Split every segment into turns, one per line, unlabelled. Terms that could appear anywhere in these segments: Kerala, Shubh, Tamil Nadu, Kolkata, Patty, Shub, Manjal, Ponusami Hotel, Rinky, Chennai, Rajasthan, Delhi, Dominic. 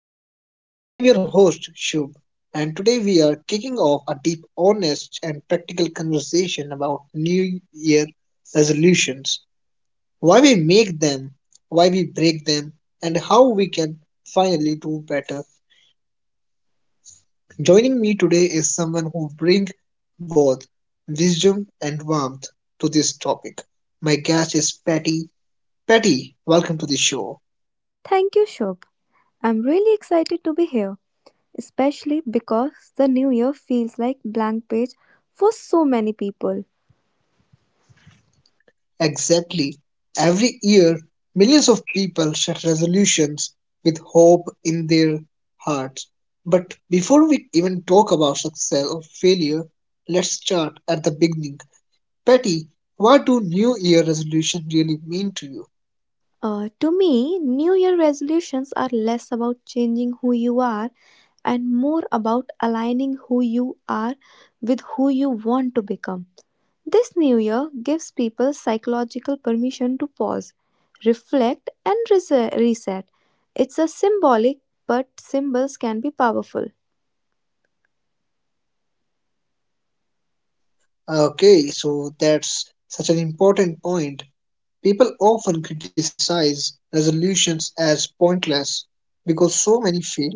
podcast. I am your host, Shub, and today we are kicking off a deep, honest, and practical conversation about New Year resolutions, why we make them, why we break them, and how we can finally do better. Joining me today is someone who brings both wisdom and warmth to this topic. My guest is Patty. Patty, welcome to the show.
Thank you, Shubh. I'm really excited to be here, especially because the new year feels like blank page for so many people.
Exactly. Every year, millions of people set resolutions with hope in their hearts. But before we even talk about success or failure, let's start at the beginning. Patty, what do New Year resolution really mean to you?
To me, new year resolutions are less about changing who you are and more about aligning who you are with who you want to become. This new year gives people psychological permission to pause, reflect, and reset. It's a symbolic, but symbols can be powerful.
Okay, so that's such an important point. People often criticize resolutions as pointless because so many fail,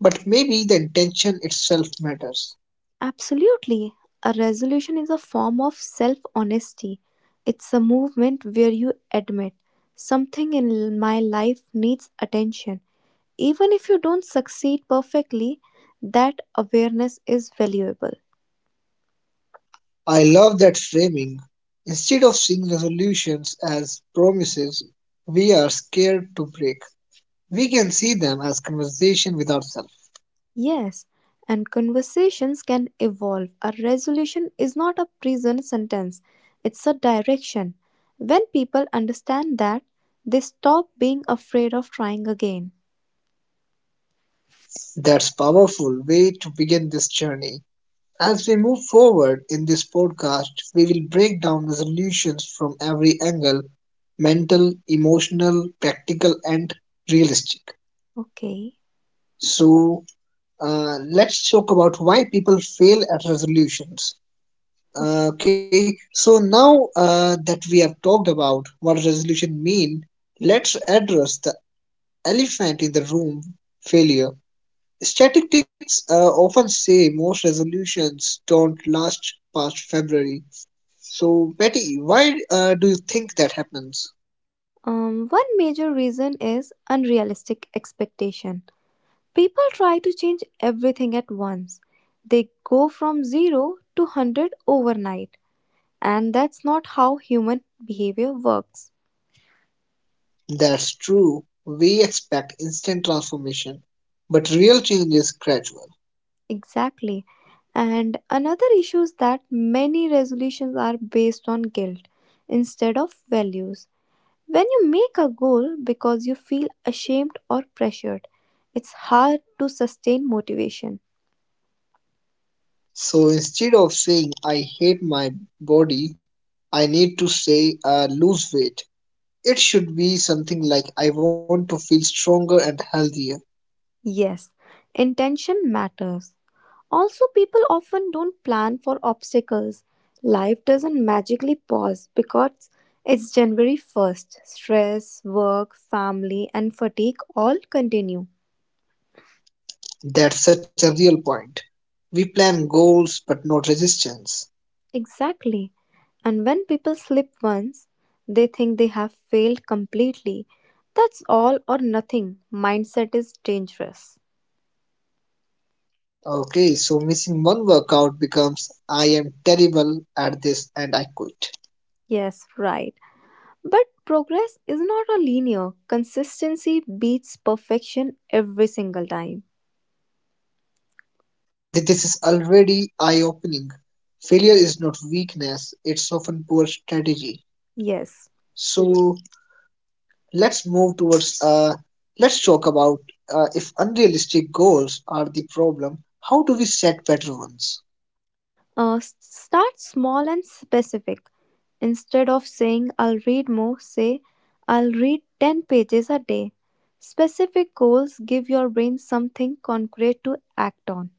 but maybe the intention itself matters.
Absolutely. A resolution is a form of self honesty. It's a movement where you admit something in my life needs attention. Even if you don't succeed perfectly, that awareness is valuable.
I love that framing. Instead of seeing resolutions as promises we are scared to break, we can see them as conversation with ourselves.
Yes, and conversations can evolve. A resolution is not a prison sentence, it's a direction. When people understand that, they stop being afraid of trying again.
That's powerful way to begin this journey. As we move forward in this podcast, we will break down resolutions from every angle, mental, emotional, practical and realistic.
Okay,
So, let's talk about why people fail at resolutions.
okay.
Okay, so now that we have talked about what resolution mean, let's address the elephant in the room: failure. Statistics often say most resolutions don't last past February. So, Betty, why do you think that happens?
One major reason is unrealistic expectation. People try to change everything at once. They go from 0 to 100 overnight, and that's not how human behavior works.
That's true. We expect instant transformation, but real change is gradual.
Exactly. And another issue is that many resolutions are based on guilt instead of values. When you make a goal because you feel ashamed or pressured, it's hard to sustain motivation.
So instead of saying I hate my body, I need to say lose weight. It should be something like, I want to feel stronger and healthier.
Yes, intention matters. Also, people often don't plan for obstacles. Life doesn't magically pause because it's January 1st. Stress, work, family, and fatigue all continue.
That's such a real point. We plan goals but not resistance.
Exactly. And when people slip once, they think they have failed completely. That's all or nothing. Mindset is dangerous.
Okay, so missing one workout becomes, I am terrible at this and I quit.
Yes, right. But progress is not a linear. Consistency beats perfection every single time.
This is already eye opening. Failure is not weakness, it's often poor strategy.
Yes.
So let's move towards, uh, let's talk about if unrealistic goals are the problem, how do we set better ones?
Start small and specific. Instead of saying I'll read more, say I'll read 10 pages a day. Specific goals give your brain something concrete to act on.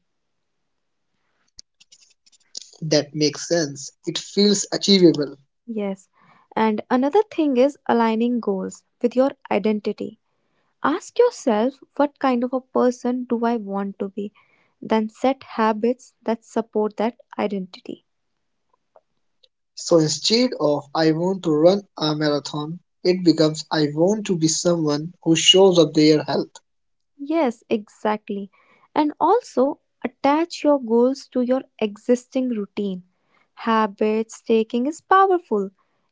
That makes sense. It feels achievable.
Yes. And another thing is aligning goals with your identity. Ask yourself what kind of a person do I want to be, then set habits that support that identity.
So instead of I want to run a marathon, it becomes I want to be someone who shows up their health.
Yes, exactly. And also attach your goals to your existing routine. Habits taking is powerful.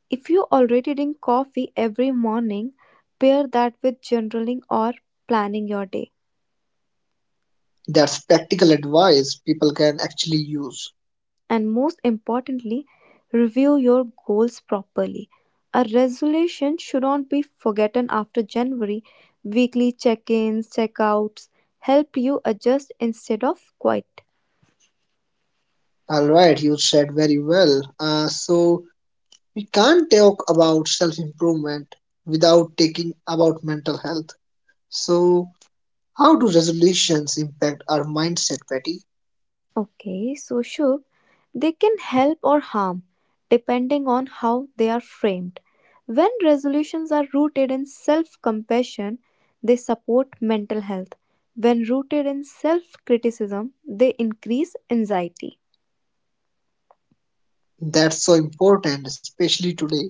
If you already drink coffee every morning, pair that with journaling or planning your day.
That's practical advice people can actually use.
And most importantly, review your goals properly. A resolution should not be forgotten after January. Weekly check ins, check outs help you adjust instead of quit.
Alright, you said very well. So we can't talk about self improvement without taking about mental health. So, how do resolutions impact our mindset, Patty?
Okay, so Shubh, they can help or harm depending on how they are framed. When resolutions are rooted in self compassion, they support mental health. When rooted in self criticism, they increase anxiety.
That's so important, especially today.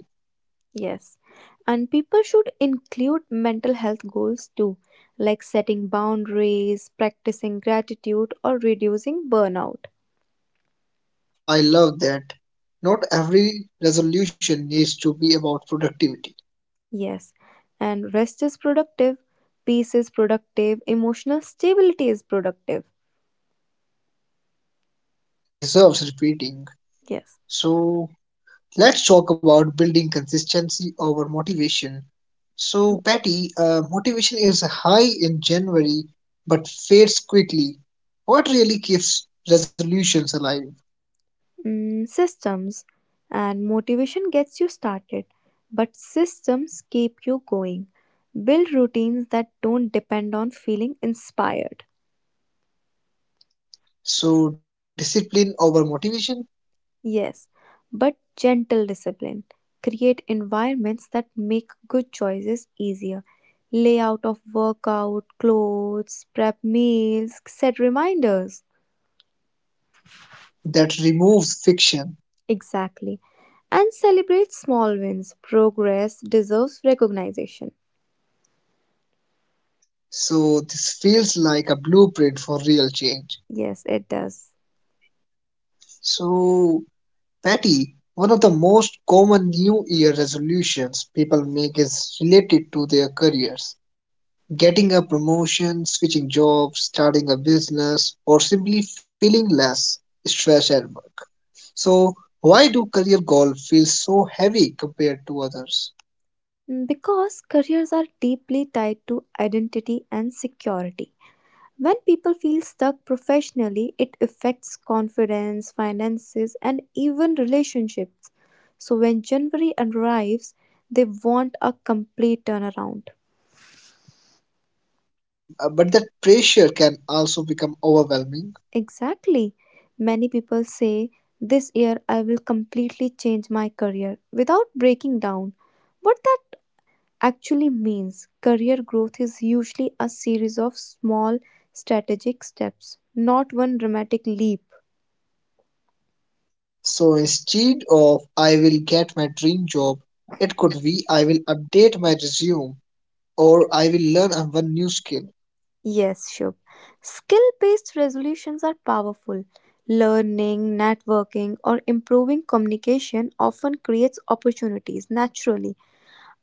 Yes, and people should include mental health goals too, like setting boundaries, practicing gratitude, or reducing burnout.
I love that. Not every resolution needs to be about productivity.
Yes, and rest is productive, peace is productive, emotional stability is productive.
That deserves repeating.
Yes,
So, let's talk about building consistency over motivation. So, Patty, motivation is high in January but fades quickly. What really keeps resolutions alive?
mm, systems and motivation gets you started, but systems keep you going. Build routines that don't depend on feeling inspired.
So, discipline over motivation,
Yes, but gentle discipline. Create environments that make good choices easier. Layout of workout, clothes, prep meals, set reminders.
that removes fiction.
Exactly. And celebrate small wins. Progress deserves recognition.
So, this feels like a blueprint for real change.
Yes, it does.
So, Patty, one of the most common New Year resolutions people make is related to their careers. Getting a promotion, switching jobs, starting a business, or simply feeling less stress at work. So, why do career goals feel so heavy compared to others?
Mm, because careers are deeply tied to identity and security. When people feel stuck professionally, it affects confidence, finances, and even relationships. So when January arrives, they want a complete turnaround.
But that pressure can also become overwhelming.
Exactly. Many people say, this year I will completely change my career without breaking down. What that actually means, career growth is usually a series of small strategic steps, not one dramatic leap.
So instead of I will get my dream job, it could be I will update my resume or I will learn a one new skill.
Yes, Shubh. Skill based resolutions are powerful. Learning, networking, or improving communication often creates opportunities naturally.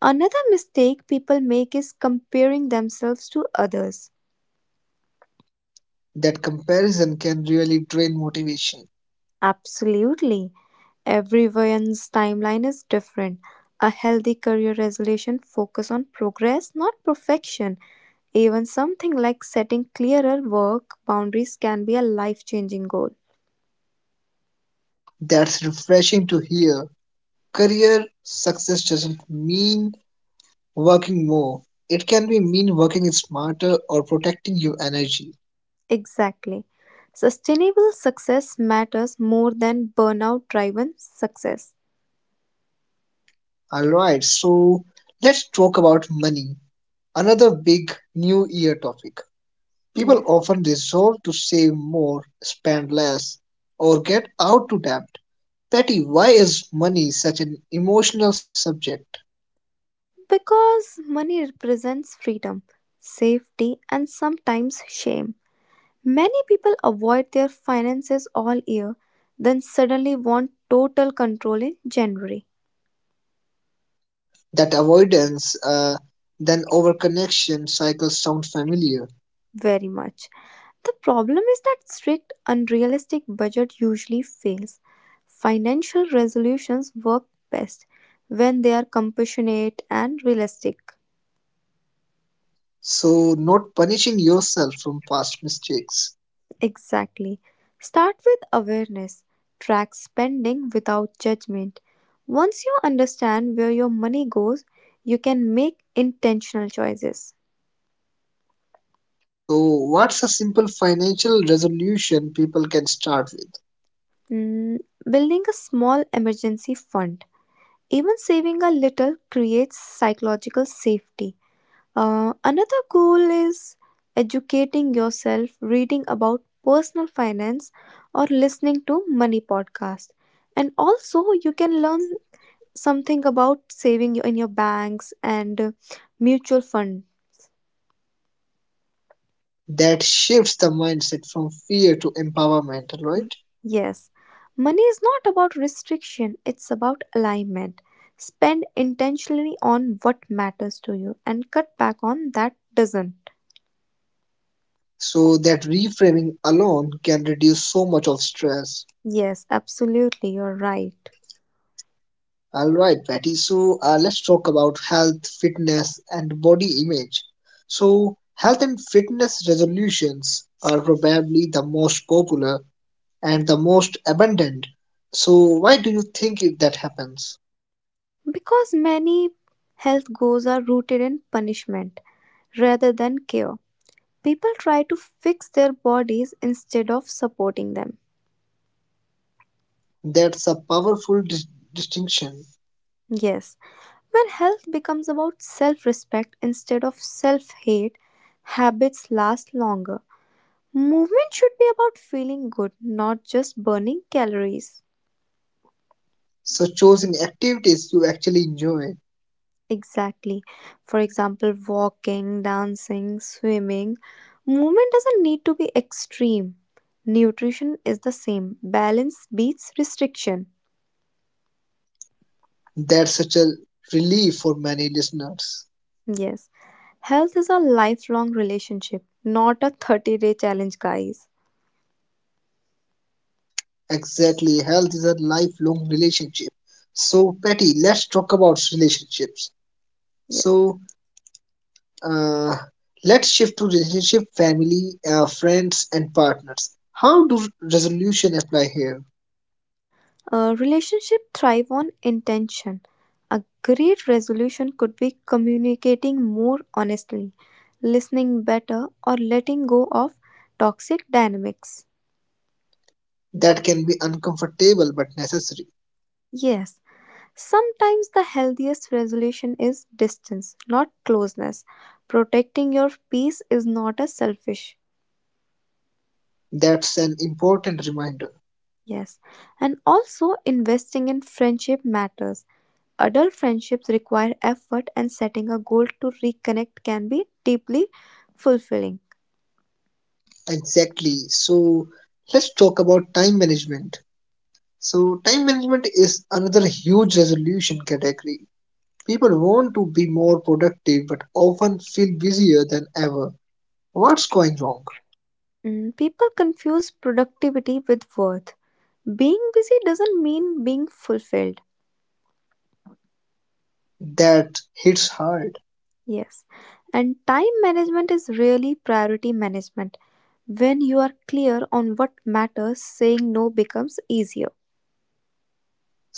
Another mistake people make is comparing themselves to others.
That comparison can really drain motivation.
Absolutely. Everyone's timeline is different. A healthy career resolution focus on progress, not perfection. Even something like setting clearer work boundaries can be a life-changing goal.
That's refreshing to hear. Career success doesn't mean working more. It can be mean working smarter or protecting your energy.
Exactly. Sustainable success matters more than burnout driven success.
Alright, so let's talk about money. Another big new year topic. People
Yes.
often resolve to save more, spend less, or get out to debt. Patty, why is money such an emotional subject?
Because money represents freedom, safety, and sometimes shame. Many people avoid their finances all year, then suddenly want total control in January.
That avoidance, then overconnection cycle sound familiar.
Very much. The problem is that strict, unrealistic budget usually fails. Financial resolutions work best when they are compassionate and realistic.
So, not punishing yourself from past mistakes.
Exactly. Start with awareness. Track spending without judgment. Once you understand where your money goes, you can make intentional choices.
So, what's a simple financial resolution people can start with
Mm, building a small emergency fund. Even saving a little creates psychological safety. Another goal is educating yourself, reading about personal finance or listening to money podcast. And also you can learn something about saving in your banks and mutual fund.
that shifts the mindset from fear to empowerment, right?
Yes. Money is not about restriction, it's about alignment. Spend intentionally on what matters to you and cut back on that doesn't.
So, that reframing alone can reduce so much of stress.
Yes, absolutely, you're right.
All right, Patty. So let's talk about health, fitness, and body image. So, health and fitness resolutions are probably the most popular and the most abundant. So, why do you think it, that happens?
Because many health goals are rooted in punishment rather than care. People try to fix their bodies instead of supporting them.
That's a powerful distinction.
Yes, when health becomes about self respect instead of self hate, habits last longer. Movement should be about feeling good, not just burning calories.
So, choosing activities you actually enjoy,
Exactly. For example, walking, dancing, swimming. Movement doesn't need to be extreme. Nutrition is the same. Balance beats restriction.
that's such a relief for many listeners.
Yes. Health is a lifelong relationship, not a 30-day challenge, guys.
Exactly, health is a lifelong relationship. So, Patty, let's talk about relationships.
Yes.
So uh, let's shift to relationship, family, friends, and partners. How do resolution apply here?
A relationship thrive on intention. A great resolution could be communicating more honestly, listening better, or letting go of toxic dynamics.
That can be uncomfortable but necessary.
Yes, sometimes the healthiest resolution is distance, not closeness. Protecting your peace is not a selfish.
That's an important reminder.
Yes. And also investing in friendship matters. Adult friendships require effort and setting a goal to reconnect can be deeply fulfilling.
Exactly. So let's talk about time management. So time management is another huge resolution category. People want to be more productive but often feel busier than ever. What's going wrong?
Mm, people confuse productivity with worth. Being busy doesn't mean being fulfilled.
That hits hard.
Yes. And time management is really priority management. When you are clear on what matters, saying no becomes easier.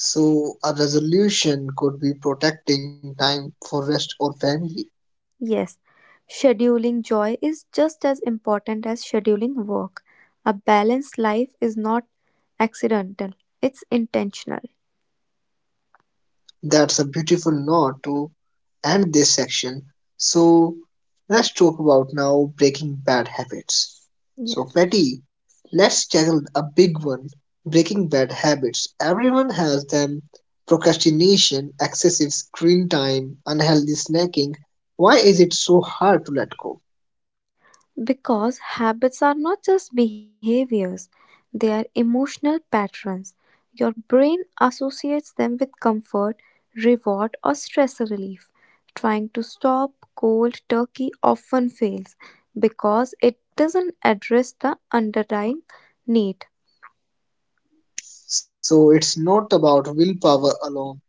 So a resolution could be protecting time for rest or family.
Yes. Scheduling joy is just as important as scheduling work. A balanced life is not accidental, it's intentional.
That's a beautiful note to end this section. So let's talk about now breaking bad habits. So
Yes.
Patty, let's tackle a big one, breaking bad habits. Everyone has them. Procrastination, excessive screen time, unhealthy snacking. Why is it so hard to let go?
Because habits are not just behaviors, they are emotional patterns. Your brain associates them with comfort, reward, or stress relief. Trying to stop cold turkey often fails because it doesn't address the underlying need.
So it's not about willpower alone,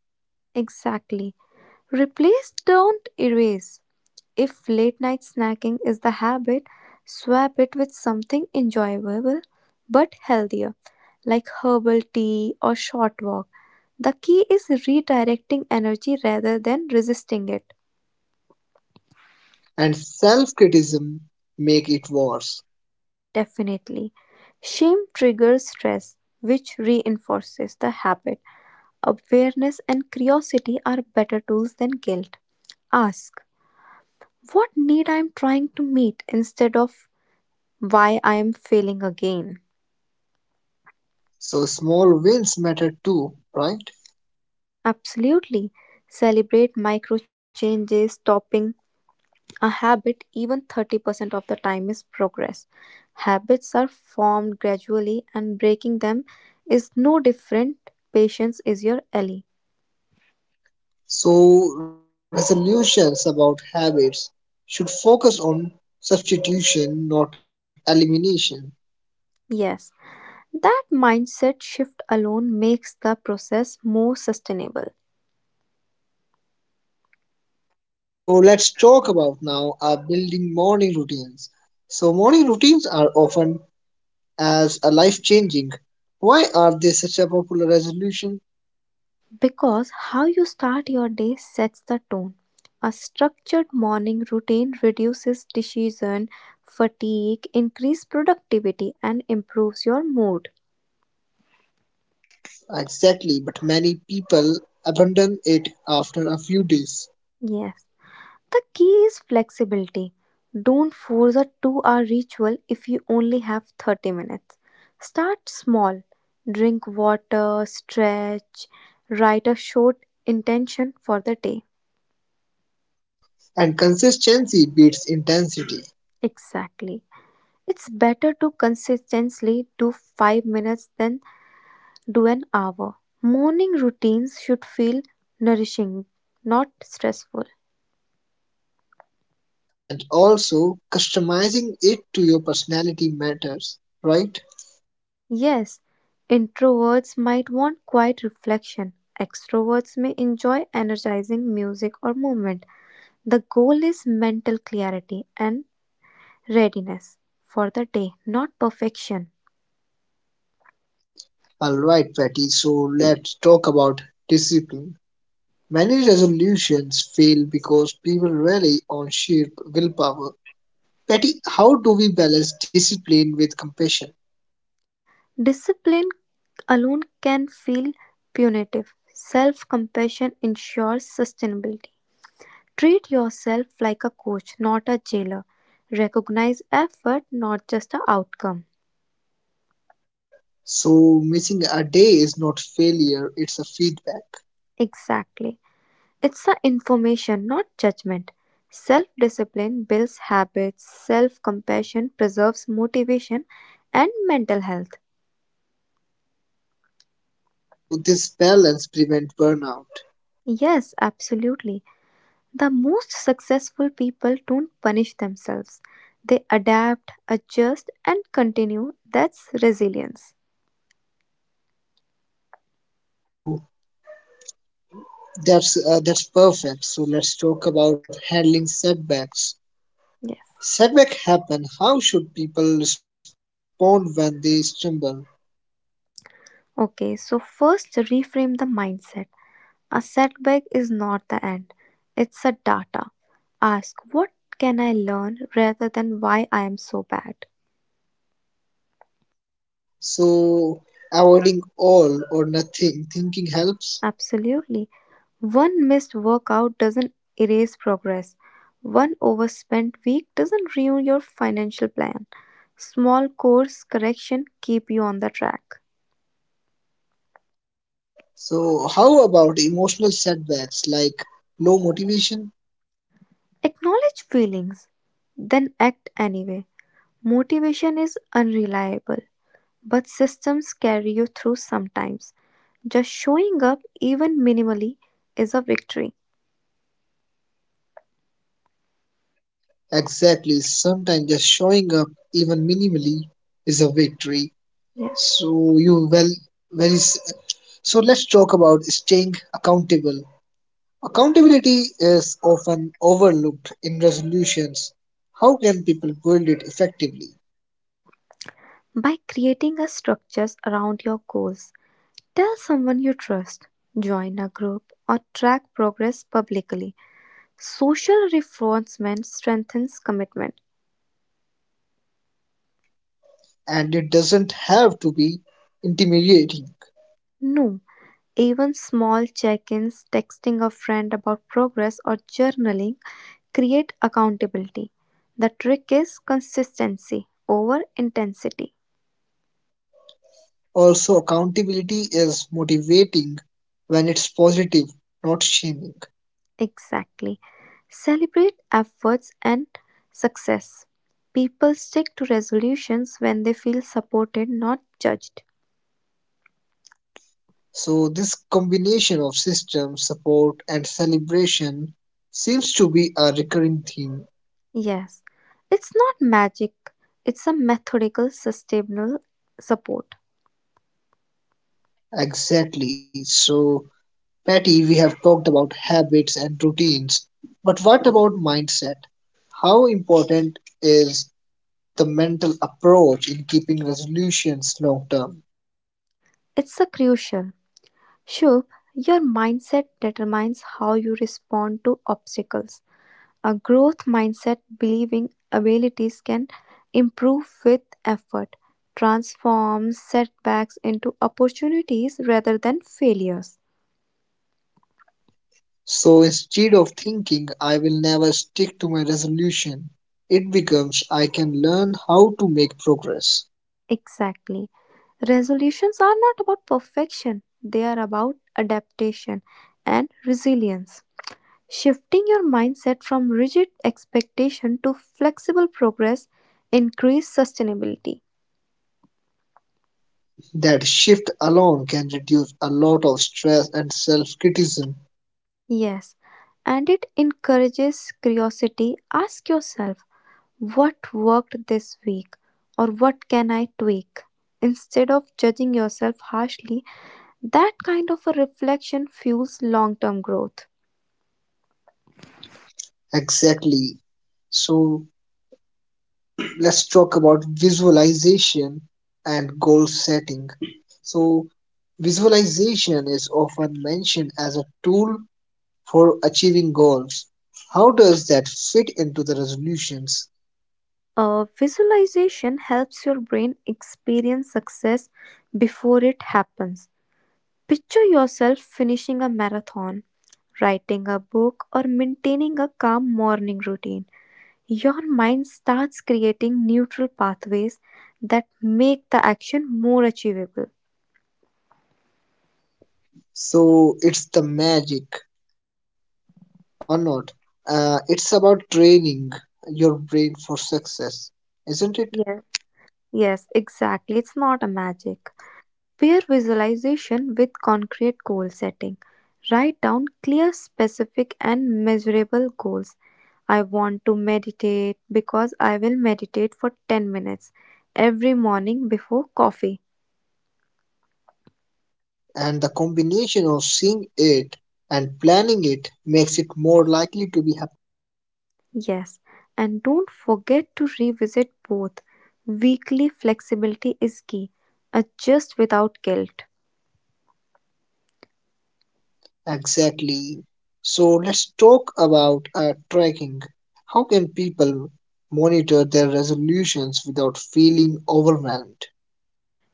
Exactly. Replace, don't erase. If late night snacking is the habit, swap it with something enjoyable but healthier, like herbal tea or short walk. The key is redirecting energy rather than resisting it.
and self criticism make it worse.
Definitely. Shame triggers stress, which reinforces the habit. Awareness and curiosity are better tools than guilt. Ask, what need I am trying to meet instead of why I am failing again?
So small wins matter too, right?
Absolutely. Celebrate micro changes. Stopping a habit even 30% of the time is progress. Habits are formed gradually, and breaking them is no different. Patience is your ally.
So resolutions about habits should focus on substitution, not elimination.
Yes, that mindset shift alone makes the process more sustainable.
So let's talk about now building morning routines. So morning routines are often as a life changing. Why are they such a popular resolution?
Because how you start your day sets the tone. A structured morning routine reduces decision fatigue, increases productivity, and improves your mood.
Exactly, but many people abandon it after a few days.
Yes. The key is flexibility. Don't force a 2 hour ritual if you only have 30 minutes. Start small. Drink water, stretch, write a short intention for the day.
And consistency beats intensity,
Exactly. It's better to consistently do 5 minutes than do an hour. Morning routines should feel nourishing, not stressful.
and also customizing it to your personality matters, right?
Yes, introverts might want quiet reflection. Extroverts may enjoy energizing music or movement. The goal is mental clarity and readiness for the day, not perfection.
All right, Patty, so let's talk about discipline. Many resolutions fail because people rely on sheer willpower. Patty, how do we balance discipline with compassion?
Discipline alone can feel punitive. Self compassion ensures sustainability. Treat yourself like a coach, not a jailer. Recognize effort, not just the outcome.
So missing a day is not failure, it's a feedback.
Exactly. It's the information, not judgment. Self discipline builds habits, self compassion preserves motivation and mental health.
So this balance prevents burnout.
Yes, absolutely. The most successful people don't punish themselves, they adapt, adjust, and continue. That's resilience.
So that's perfect. So let's talk about handling setbacks.
Yes.
Setback happen. How should people respond when they stumble?
Okay, so first reframe the mindset. A setback is not the end, it's a data. Ask what can I learn rather than why I am so bad.
So avoiding all or nothing thinking helps.
Absolutely. One missed workout doesn't erase progress. One overspent week doesn't ruin your financial plan. Small course correction keep you on the track.
So how about emotional setbacks like low motivation?
Acknowledge feelings, then act anyway. Motivation is unreliable. But systems carry you through sometimes. Just showing up, even minimally, is a victory.
Exactly. Sometimes just showing up even minimally is a victory.
Yes.
So you well very s- so let's talk about staying accountable. Accountability is often overlooked in resolutions. How can people build it effectively?
By creating a structures around your goals, tell someone you trust, join a group, or track progress publicly. Social reinforcement strengthens commitment.
And it doesn't have to be intimidating.
No, even small check ins, texting a friend about progress, or journaling create accountability. The trick is consistency over intensity.
Also, accountability is motivating when it's positive, not shaming.
Exactly. Celebrate efforts and success. People stick to resolutions when they feel supported, not judged.
So, this combination of system, support, and celebration seems to be a recurring theme.
Yes, it's not magic, it's a methodical, sustainable support.
Exactly. So, Patty, we have talked about habits and routines, but what about mindset? How important is the mental approach in keeping resolutions long term?
It's a crucial. Shubh, your mindset determines how you respond to obstacles. A growth mindset believing abilities can improve with effort transforms setbacks into opportunities rather than failures.
So instead of thinking I will never stick to my resolution, it becomes I can learn how to make progress.
Exactly. Resolutions are not about perfection, they are about adaptation and resilience. Shifting your mindset from rigid expectation to flexible progress increases sustainability.
That shift alone can reduce a lot of stress and self criticism.
Yes, and it encourages curiosity. Ask yourself, what worked this week, or what can I tweak? Instead of judging yourself harshly, that kind of a reflection fuels long term growth.
Exactly. So let's talk about visualization and goal setting. So, visualization is often mentioned as a tool for achieving goals. How does that fit into the resolutions?
Visualization helps your brain experience success before it happens. Picture yourself finishing a marathon, writing a book, or maintaining a calm morning routine. Your mind starts creating neutral pathways that make the action more achievable.
So, it's the magic or not? It's about training your brain for success, isn't it?
Yes, exactly. It's not a magic. Pair visualization with concrete goal setting. Write down clear, specific, and measurable goals. I want to meditate because I will meditate for 10 minutes every morning before coffee.
And the combination of seeing it and planning it makes it more likely to be.
Yes, and don't forget to revisit both. Weekly flexibility is key. Adjust without guilt.
Exactly. So let's talk about tracking. How can people monitor their resolutions without feeling overwhelmed?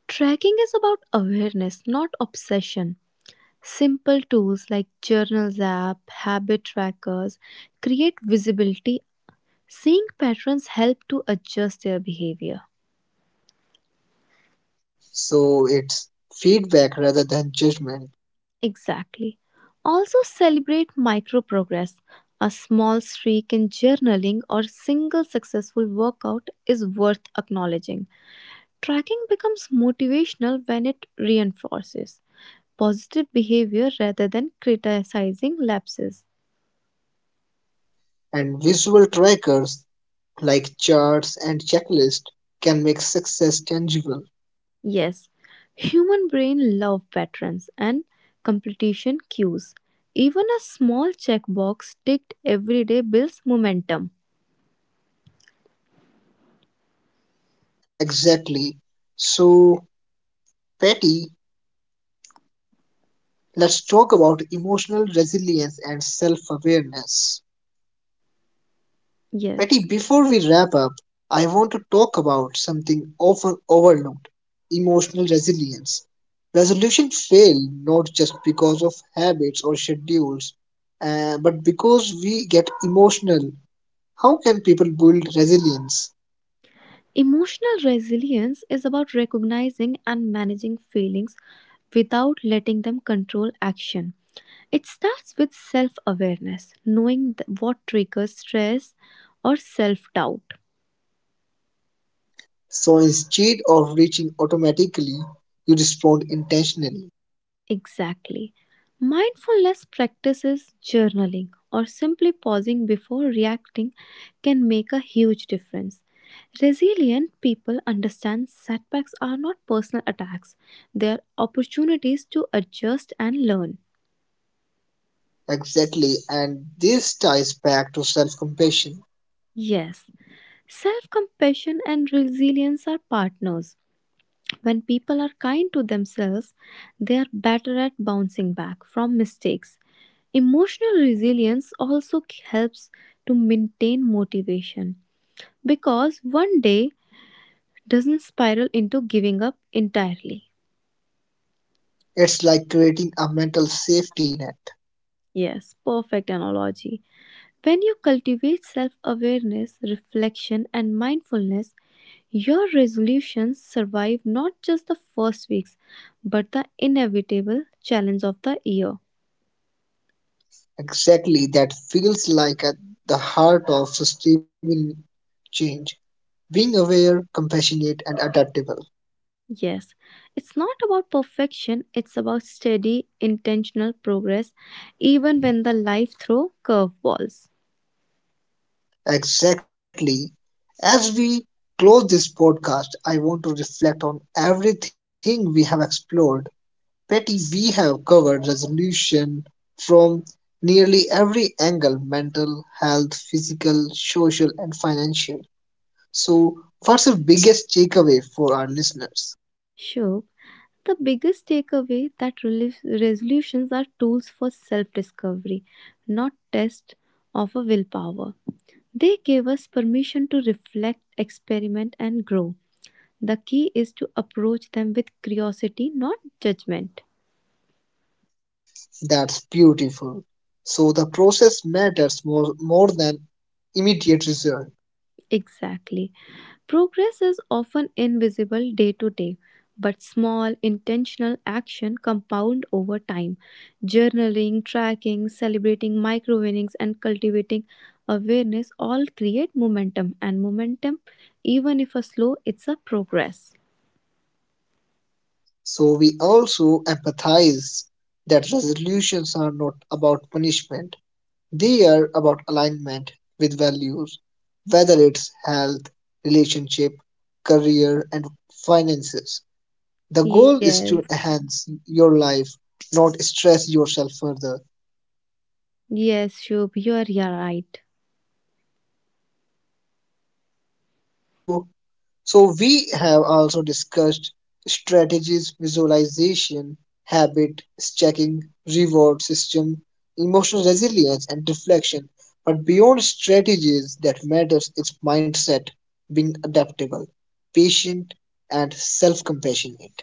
Tracking is about awareness, not obsession. Simple tools like journals app, habit trackers create visibility. Seeing patterns help to adjust their behavior.
So it's feedback rather than judgment,
Exactly. Also celebrate micro progress. A small streak in journaling or single successful workout is worth acknowledging. Tracking becomes motivational when it reinforces positive behavior rather than criticizing lapses.
and visual trackers like charts and checklists can make success tangible.
Yes, human brain love patterns and completion cues. Even a small checkbox ticked every day builds momentum.
Exactly. So, Patty, let's talk about emotional resilience and self awareness. Patty,
Yes.
before we wrap up, I want to talk about something often overlooked, emotional resilience. Resolution fail not just because of habits or schedules, but because we get emotional. How can people build resilience?
Emotional resilience is about recognizing and managing feelings without letting them control action. It starts with self awareness, knowing what triggers stress or self doubt.
So instead of reaching automatically, you respond intentionally.
Exactly. Mindfulness practices, journaling, or simply pausing before reacting can make a huge difference. Resilient people understand setbacks are not personal attacks, they are opportunities to adjust and learn.
Exactly, and this ties back to self compassion.
Yes, self compassion and resilience are partners. When people are kind to themselves, they are better at bouncing back from mistakes. Emotional resilience also helps to maintain motivation because one day doesn't spiral into giving up entirely.
It's like creating a mental safety net.
Yes, perfect analogy. When you cultivate self awareness, reflection, and mindfulness, your resolutions survive not just the first weeks but the inevitable challenge of the year.
Exactly, that feels like at the heart of sustainable change, being aware, compassionate, and adaptable.
Yes, it's not about perfection, it's about steady, intentional progress, even when the life throws curveballs.
Exactly. As we close this podcast, I want to reflect on everything we have explored. Betty, we have covered resolution from nearly every angle, mental, health, physical, social, and financial. So, what's the biggest takeaway for our listeners?
Sure, the biggest takeaway that relief, resolutions are tools for self discovery, not tests of a willpower. They give us permission to reflect, experiment, and grow. The key is to approach them with curiosity, not judgment.
That's beautiful. So the process matters more than immediate result.
Exactly. Progress is often invisible day to day, but small intentional action compound over time. Journaling, tracking, celebrating micro winnings and cultivating awareness all create momentum and momentum even if a slow it's a progress.
So we also empathize that resolutions are not about punishment. They are about alignment with values, whether it's health, relationship, career, and finances. The goal
Yes.
is to enhance your life, not stress yourself further.
Yes, Shubh, you are, yeah, right.
So So we have also discussed strategies, visualization, habit stacking, reward system, emotional resilience and reflection. But beyond strategies that matters is mindset, being adaptable, patient and self-compassionate.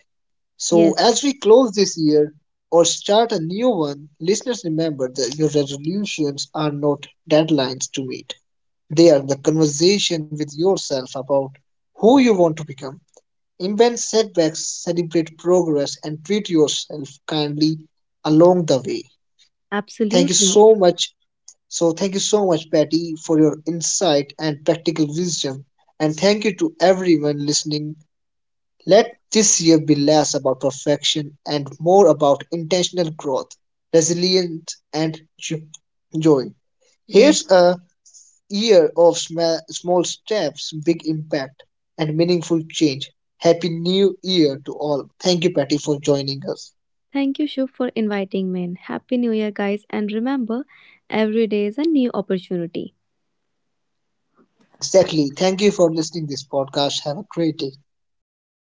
So
Yes,
as we close this year or start a new one, listeners remember that your resolutions are not deadlines to meet. They are the conversation with yourself about who you want to become. Invent setbacks, celebrate progress, and treat yourself kindly along the way. Thank you
absolutely.
so much. So, thank you so much, Patty, for your insight and practical wisdom. And thank you to everyone listening. Let this year be less about perfection and more about intentional growth, resilience, and joy.
Yes.
Here's a year of small steps, big impact, and meaningful change. Happy New Year to all. Thank you, Patty, for joining us.
Thank you Shubh for inviting me in. Happy New Year guys and remember every day is a new opportunity.
Exactly. Thank you for listening this podcast. Have a great day.
Yes.